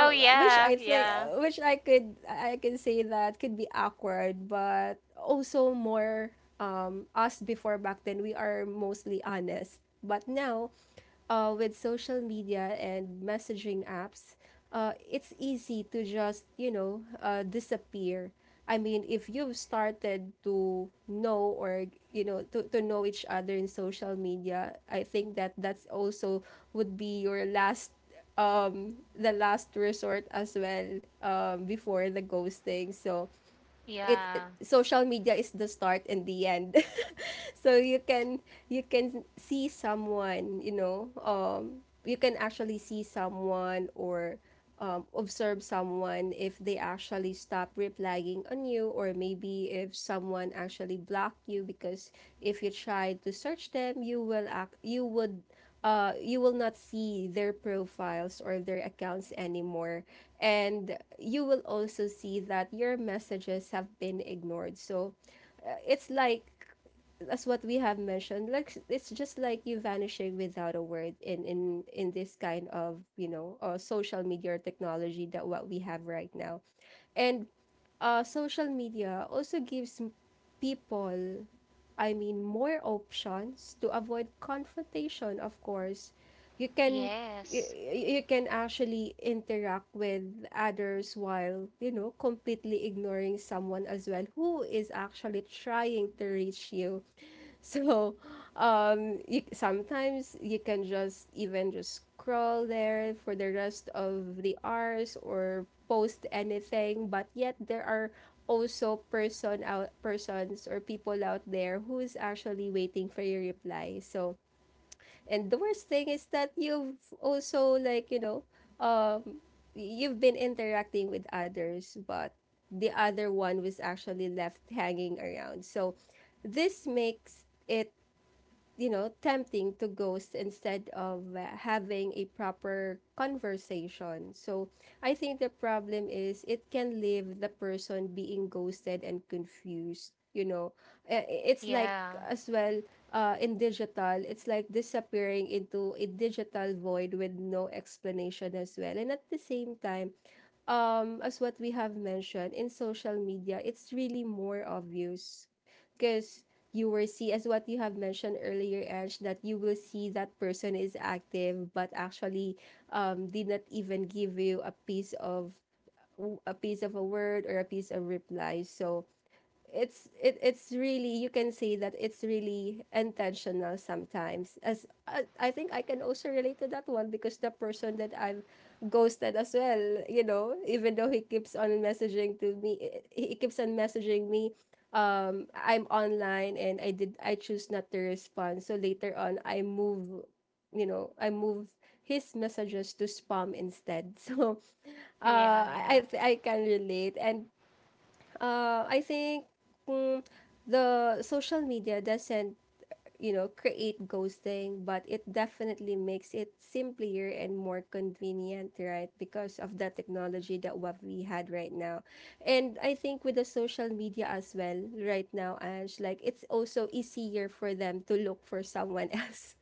S2: Oh
S1: which
S2: yeah.
S1: I say,
S2: Yeah.
S1: which I can say that could be awkward, but also more us before back then we are mostly honest, but now, with social media and messaging apps, it's easy to just you know disappear. I mean, if you've started to know or you know to know each other in social media, I think that that's also would be your last the last resort as well before the ghosting. So
S2: Yeah.
S1: social media is the start and the end. So you can see someone, you know, you can actually see someone or observe someone if they actually stop replying on you, or maybe if someone actually blocked you, because if you try to search them you will act you would you will not see their profiles or their accounts anymore, and you will also see that your messages have been ignored. So it's like that's what we have mentioned, like it's just like you vanishing without a word in in this kind of, you know, social media or technology that what we have right now. And social media also people, I mean, more options to avoid confrontation, of course. You can you,
S2: Yes.
S1: you can actually interact with others while, you know, completely ignoring someone as well who is actually trying to reach you. So, you, sometimes you can just even just scroll there for the rest of the hours or post anything. But yet there are also persons or people out there who is actually waiting for your reply. So, and the worst thing is that you've also like you know, um, you've been interacting with others, but the other one was actually left hanging around. So, this makes it, you know, tempting to ghost instead of having a proper conversation. So I think the problem is it can leave the person being ghosted and confused. You know, it's like
S2: Yeah.
S1: as well in digital, it's like disappearing into a digital void with no explanation as well. And at the same time, as what we have mentioned in social media, it's really more obvious because you will see, as what you have mentioned earlier Ange, that you will see that person is active but actually did not even give you a piece of a piece of a word or a piece of reply. So it's really, you can see that it's really intentional sometimes. As I think I can also relate to that one, because the person that I've ghosted as well, you know, even though he keeps on messaging to me, he keeps on messaging me, I'm online and I choose not to respond. So later on I move, you know, I move his messages to spam instead. So
S2: Yeah.
S1: I can relate. And I think mm, the social media doesn't, you know, create ghosting, but it definitely makes it simpler and more convenient, right? Because of the technology that what we had right now. And I think with the social media as well, right now, Ange, like it's also easier for them to look for someone else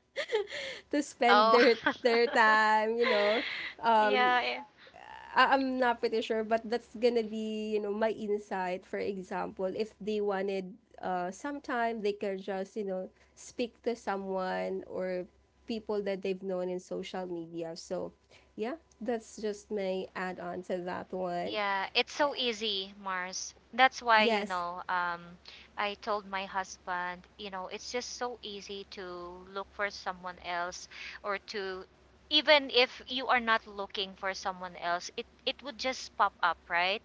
S1: to spend
S2: Oh.
S1: their time, you know. Um,
S2: Yeah, eh,
S1: I- I'm not pretty sure, but that's gonna be, you know, my insight. For example, if they wanted sometime they can just, you know, speak to someone or people that they've known in social media. So yeah, that's just my add on to that one.
S2: yeah, it's so easy, Mars. That's why, you
S1: Yes,
S2: know, I told my husband, you know, it's just so easy to look for someone else or to, even if you are not looking for someone else, it would just pop up, right?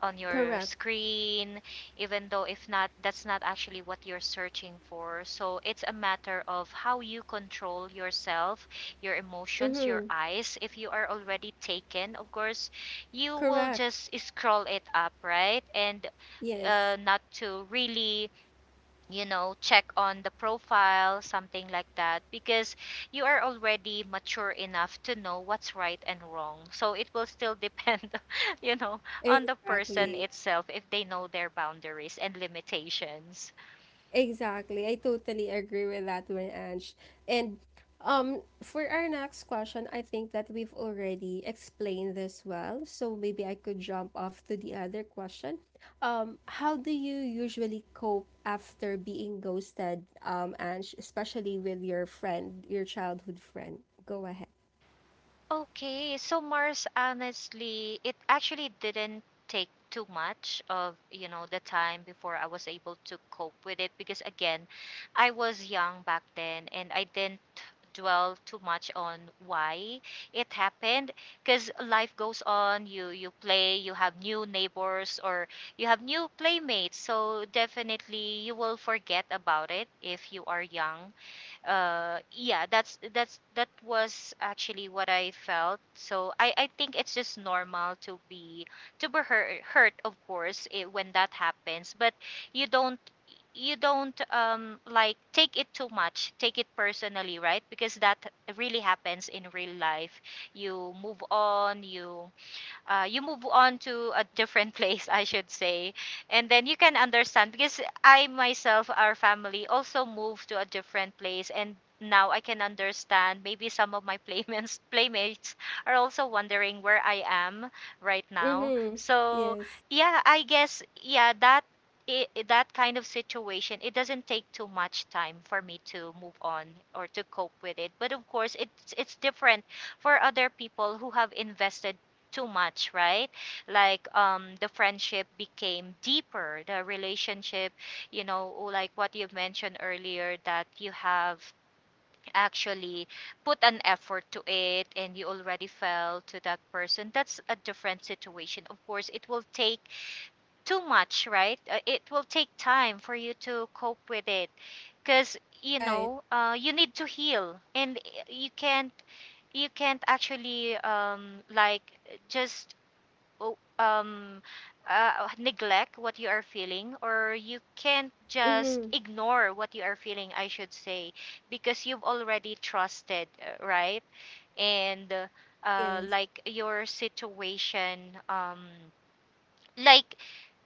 S2: On your
S1: correct.
S2: screen, even though if not, that's not actually what you're searching for. So it's a matter of how you control yourself, your emotions, your
S1: Mm-hmm.
S2: eyes. If you are already taken, of course you will
S1: Correct.
S2: just scroll it up, right? And
S1: Yes.
S2: not to really, you know, check on the profile, something like that, because you are already mature enough to know what's right and wrong. So it will still depend, you know, on the person
S1: Exactly.
S2: itself if they know their boundaries and limitations.
S1: Exactly. I totally agree with that one, Ange. And for our next question, I think that we've already explained this well. So maybe I could jump off to the other question. How do you usually cope after being ghosted, Ange, especially with your friend, your childhood friend? Go ahead.
S2: Okay, so Mars, honestly, it actually didn't take too much of, you know, the time before I was able to cope with it because again, I was young back then and I didn't dwell too much on why it happened, because life goes on. You play, you have new neighbors or you have new playmates, so definitely you will forget about it if you are young. Yeah, that's that was actually what I felt. So I think it's just normal to be hurt of course, eh, when that happens. But you don't, you don't take it too much, take it personally, right? Because that really happens in real life. You move on. You you move on to a different place, I should say. And then you can understand, because I myself, our family also moved to a different place, and now I can understand maybe some of my playmates are also wondering where I am right now.
S1: Mm-hmm.
S2: So
S1: Yes.
S2: yeah, I guess yeah, that kind of situation, it doesn't take too much time for me to move on or to cope with it. But of course, it's different for other people who have invested too much, right? Like the friendship became deeper, the relationship, you know, like what you mentioned earlier, that you have actually put an effort to it and you already fell to that person. That's a different situation. Of course, it will take too much, right? It will take time for you to cope with it because you
S1: Right.
S2: know you need to heal, and you can't, you can't actually like just o- neglect what you are feeling, or you can't just
S1: Mm-hmm.
S2: ignore what you are feeling, I should say. Because you've already trusted, right? And
S1: Yes.
S2: like your situation, um like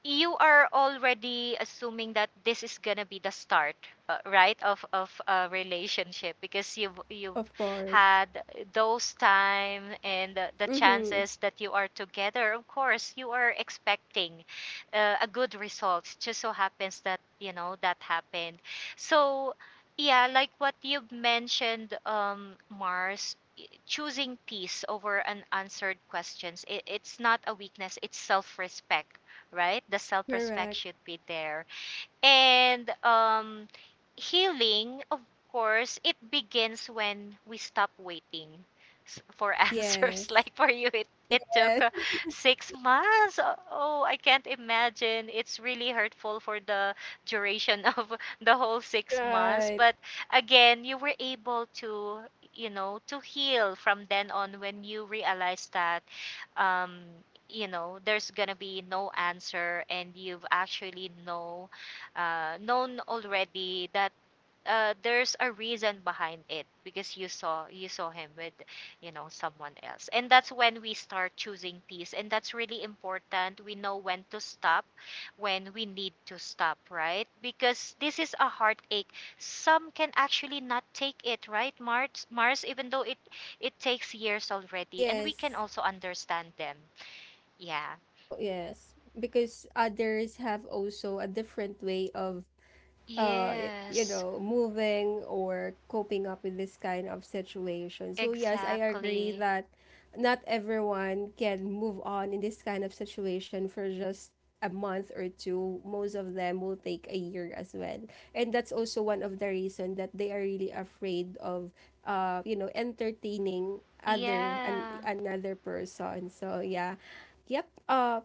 S2: you are already assuming that this is gonna be the start, right, of a relationship, because you've
S1: Of course.
S2: had those time and the
S1: Mm-hmm.
S2: chances that you are together. Of course you are expecting a good result. Just so happens that you know that happened. So yeah, like what you've mentioned, um, Mars, choosing peace over unanswered questions, it's not a weakness, it's self respect, right? The self respect
S1: Correct.
S2: should be there. And healing, of course, it begins when we stop waiting for answers.
S1: Yes.
S2: Like for you, it
S1: Yes.
S2: took 6 months. Oh, I can't imagine. It's really hurtful for the duration of the whole 6 months.
S1: Right.
S2: But again, you were able to, you know, to heal from then on, when you realized that um, you know there's gonna be no answer, and you've actually know, known already, that there's a reason behind it because you saw him with you know someone else. And that's when we start choosing peace, and that's really important, we know when to stop, when we need to stop, right? Because this is a heartache. Some can actually not take it, right, Mars? Even though it takes years already, and we can
S1: Yes.
S2: also understand them. Yeah,
S1: Oh, yes. Because others have also a different way of you
S2: yes,
S1: know moving or coping up with this kind of situation. So yes, I agree
S2: exactly,
S1: that not everyone can move on in this kind of situation for just a month or two. Most of them will take a year as well, and that's also one of the reason that they are really afraid of you know entertaining other and
S2: yeah.
S1: another person. So yeah. Yep.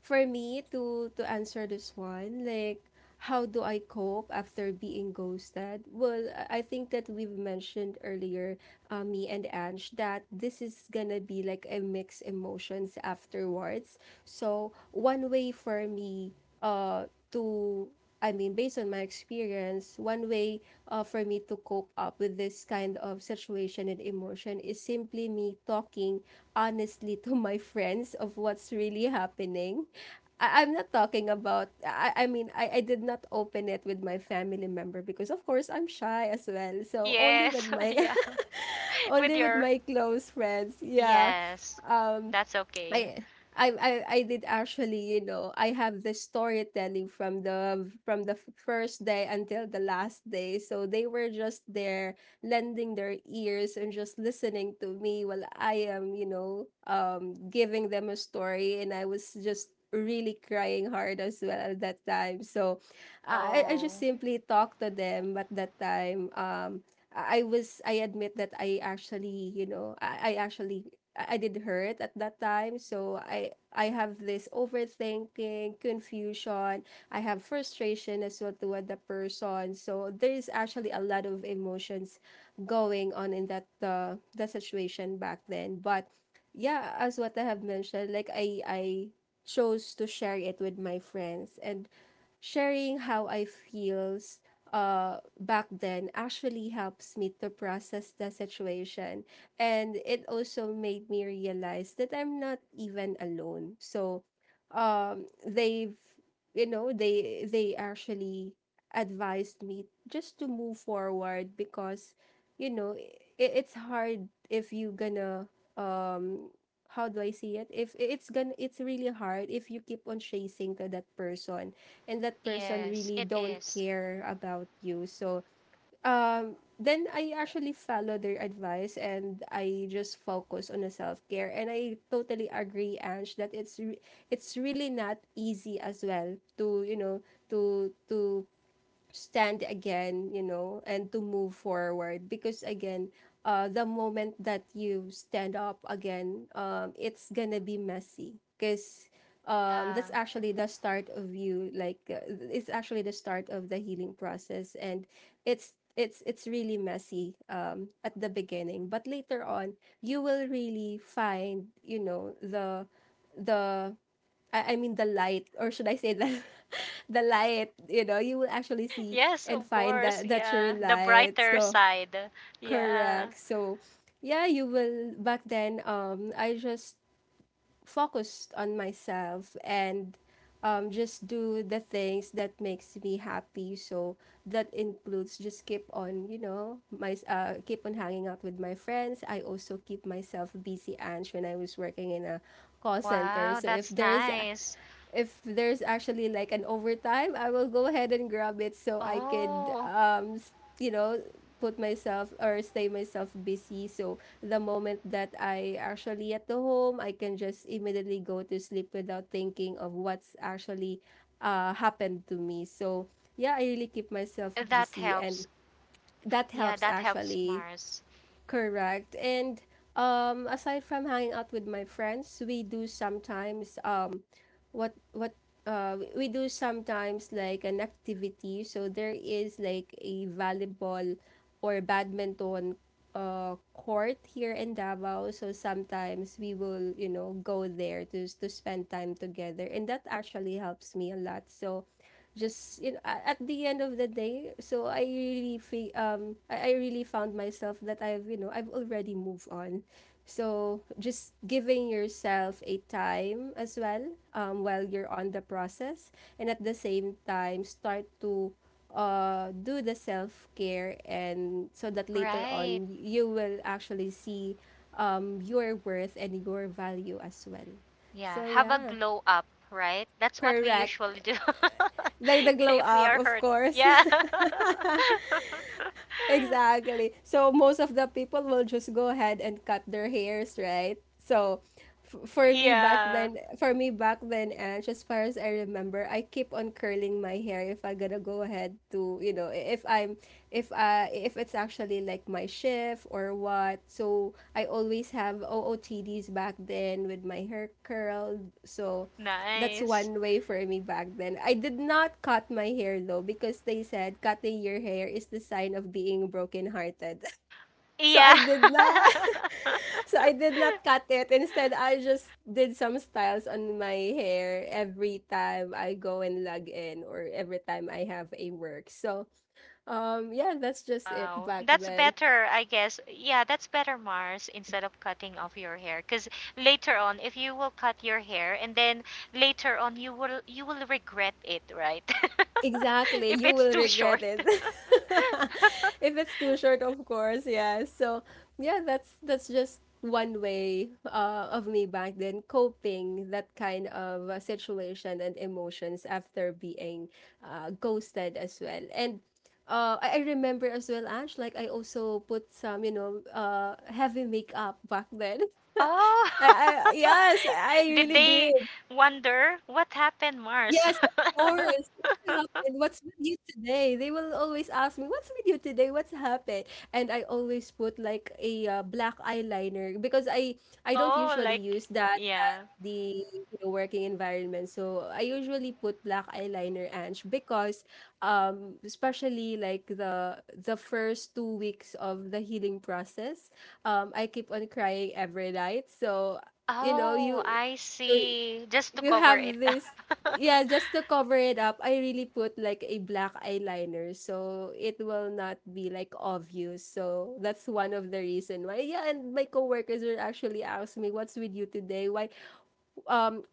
S1: for me to answer this one, like how do I cope after being ghosted, well I think that we've mentioned earlier, me and Ange, that this is gonna be like a mixed emotions afterwards. So one way for me to I mean, based on my experience, one way for me to cope up with this kind of situation and emotion is simply me talking honestly to my friends of what's really happening. I'm not talking about, I mean, I did not open it with my family member because, of course, I'm shy as well. So only with
S2: Yes,
S1: my,
S2: yeah. With
S1: only with
S2: your,
S1: my close friends. Yeah.
S2: yes, that's okay.
S1: I I did actually, you know, I have the storytelling from the first day until the last day. So they were just there lending their ears and just listening to me while I am, you know, giving them a story, and I was just really crying hard as well at that time. So I just
S2: Oh,
S1: simply talked to them at that time. I admit that I actually, you know, I actually I did hurt at that time. So I have this overthinking, confusion. I have frustration as well toward the person. So there is actually a lot of emotions going on in that the situation back then. But yeah, as what I have mentioned, like I chose to share it with my friends, and sharing how I feels back then actually helps me to process the situation, and it also made me realize that I'm not even alone. So, um, they've, you know, they actually advised me just to move forward because, you know, it's hard if you gonna um how do I see it? If it's gonna, it's really hard if you keep on chasing to that person, and that person
S2: yes,
S1: really
S2: it
S1: don't
S2: is.
S1: care about you. So, then I actually follow their advice and I just focus on the self care. And I totally agree, Ange, that it's really not easy as well to to stand again, you know, and to move forward. Because again, the moment that you stand up again, it's gonna be messy. Because
S2: Yeah.
S1: that's actually the start of you. Like, it's actually the start of the healing process, and it's really messy at the beginning. But later on, you will really find, you know, the I mean the light, or should I say the the light, you know, you will actually see
S2: Yes,
S1: and
S2: of
S1: find
S2: course.
S1: that that your
S2: Yeah. The
S1: light.
S2: brighter
S1: So
S2: side. Yeah.
S1: correct. So yeah, you will back then I just focused on myself and just do the things that makes me happy. So that includes just keep on, you know, my keep on hanging out with my friends. I also keep myself busy, Ange, when I was working in a call center.
S2: Wow,
S1: So
S2: that's nice.
S1: if there's actually like an overtime, I will go ahead and grab it so I could
S2: Oh,
S1: you know, put myself or stay myself busy. So the moment that I actually at the home, I can just immediately go to sleep without thinking of what's actually happened to me. So yeah, I really keep myself
S2: that
S1: busy, and
S2: helps.
S1: that
S2: Yeah,
S1: helps
S2: that helps,
S1: actually.
S2: Mars.
S1: Correct. And aside from hanging out with my friends, we do sometimes what we do sometimes like an activity. So there is like a volleyball or badminton court here in Davao. So sometimes we will, you know, go there to spend time together, and that actually helps me a lot. So just, you know, at the end of the day, so I really I really found myself that I've, you know, I've already moved on. So just giving yourself a time as well, while you're on the process, and at the same time start to do the self-care, and so that later
S2: Right.
S1: on you will actually see your worth and your value as well.
S2: Yeah.
S1: So
S2: Have a
S1: yeah,
S2: glow up, right? That's what we
S1: correct,
S2: usually do
S1: like the glow
S2: if we
S1: up
S2: are
S1: of
S2: hurt.
S1: course.
S2: Yeah.
S1: Exactly. So most of the people will just go ahead and cut their hairs, right? So for me back
S2: Yeah,
S1: then, for me back then, and as far as I remember, I keep on curling my hair if I gotta go ahead to, you know, I- if I'm, if it's actually like my shift or what. So I always have OOTDs back then with my hair curled. So that's
S2: nice.
S1: one way for me back then. I did not cut my hair though, because they said cutting your hair is the sign of being brokenhearted. So
S2: Yeah.
S1: I did not so I did not cut it. Instead, I just did some styles on my hair every time I go and log in, or every time I have a work. So yeah, that's just it
S2: Wow,
S1: back
S2: that's
S1: then.
S2: better, I guess. Yeah, that's better, Mars, instead of cutting off your hair. Because later on, if you will cut your hair, and then later on you will regret it, right?
S1: Exactly,
S2: If
S1: you
S2: it's
S1: will
S2: too
S1: regret
S2: short.
S1: it. If it's too short, of course, yeah. So, yeah, that's just one way of me back then coping that kind of situation and emotions after being ghosted as well. And I remember as well, Ash, like I also put some, you know, heavy makeup back then.
S2: Oh,
S1: I yes, I
S2: did
S1: really
S2: they
S1: did.
S2: wonder what happened, Mars?
S1: Yes, of course. What's happened? What's with you today? They will always ask me, "What's with you today? What's happened?" And I always put like a black eyeliner, because I don't
S2: Oh,
S1: usually
S2: like,
S1: use that
S2: yeah.
S1: the, you know, working environment. So I usually put black eyeliner, Ange, because especially like the first 2 weeks of the healing process, I keep on crying every night. So you know
S2: Oh,
S1: you
S2: I
S1: so
S2: see. Just to
S1: you
S2: cover
S1: have
S2: it up.
S1: this yeah, just to cover it up. I really put like a black eyeliner so it will not be like obvious. So that's one of the reason why, yeah. And my coworkers will actually ask me, "What's with you today? Why um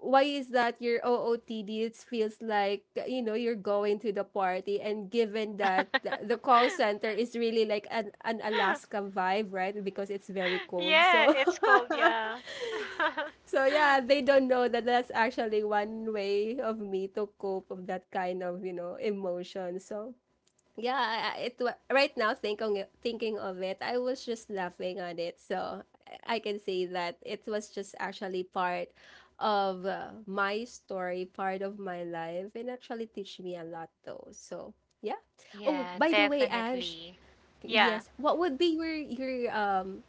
S1: why is that your OOTD? It feels like, you know, you're going to the party," and given that the call center is really like an Alaska vibe, right? Because it's very cold,
S2: Yeah,
S1: so
S2: it's cold, yeah.
S1: so yeah, they don't know that that's actually one way of me to cope of that kind of, you know, emotion. So yeah, right now thinking of it, I was just laughing on it. So I can say that it was just actually part of my story, part of my life, and actually teach me a lot though. So yeah. Oh,
S2: yeah,
S1: by the way, Ange,
S2: definitely. Yeah.
S1: yes. What would be your um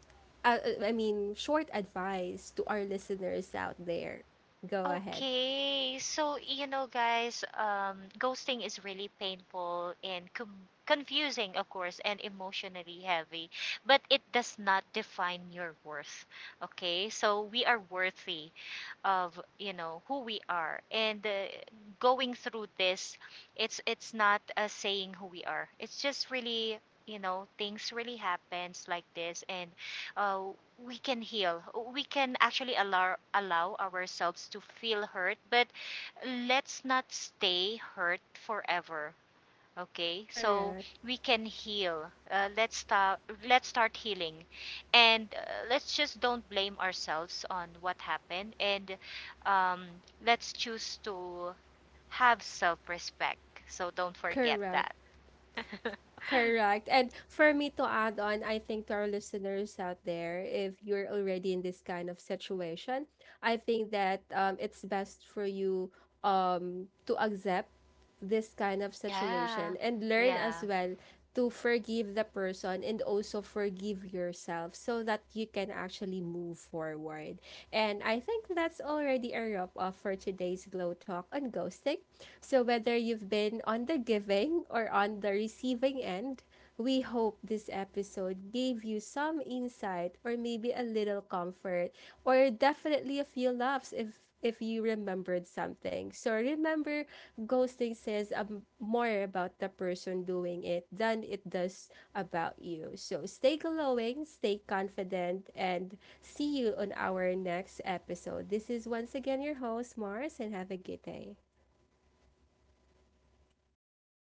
S1: uh, uh, I mean short advice to our listeners out there? Go ahead.
S2: Okay, so you know, guys, ghosting is really painful and confusing, of course, and emotionally heavy, but it does not define your worth. Okay, so we are worthy of you know who we are, and going through this, it's not saying who we are, it's just really, you know, things really happens like this. And uh, we can heal, we can actually allow ourselves to feel hurt, but let's not stay hurt forever. Okay, so
S1: Correct.
S2: we can heal. Let's start. Let's start healing, and let's just don't blame ourselves on what happened, and um, let's choose to have self-respect. So don't forget
S1: Correct.
S2: that.
S1: Correct. And for me to add on, I think to our listeners out there, if you're already in this kind of situation, I think that it's best for you to accept this kind of situation
S2: Yeah,
S1: and learn as
S2: yeah.
S1: well to forgive the person and also forgive yourself so that you can actually move forward. And I think that's already a wrap up for today's Glow Talk on ghosting. So, whether you've been on the giving or on the receiving end, we hope this episode gave you some insight or maybe a little comfort, or definitely a few laughs if you remembered something. So remember, ghosting says, more about the person doing it than it does about you. So stay glowing, stay confident, and see you on our next episode. This is once again your host Mars, and have a good day.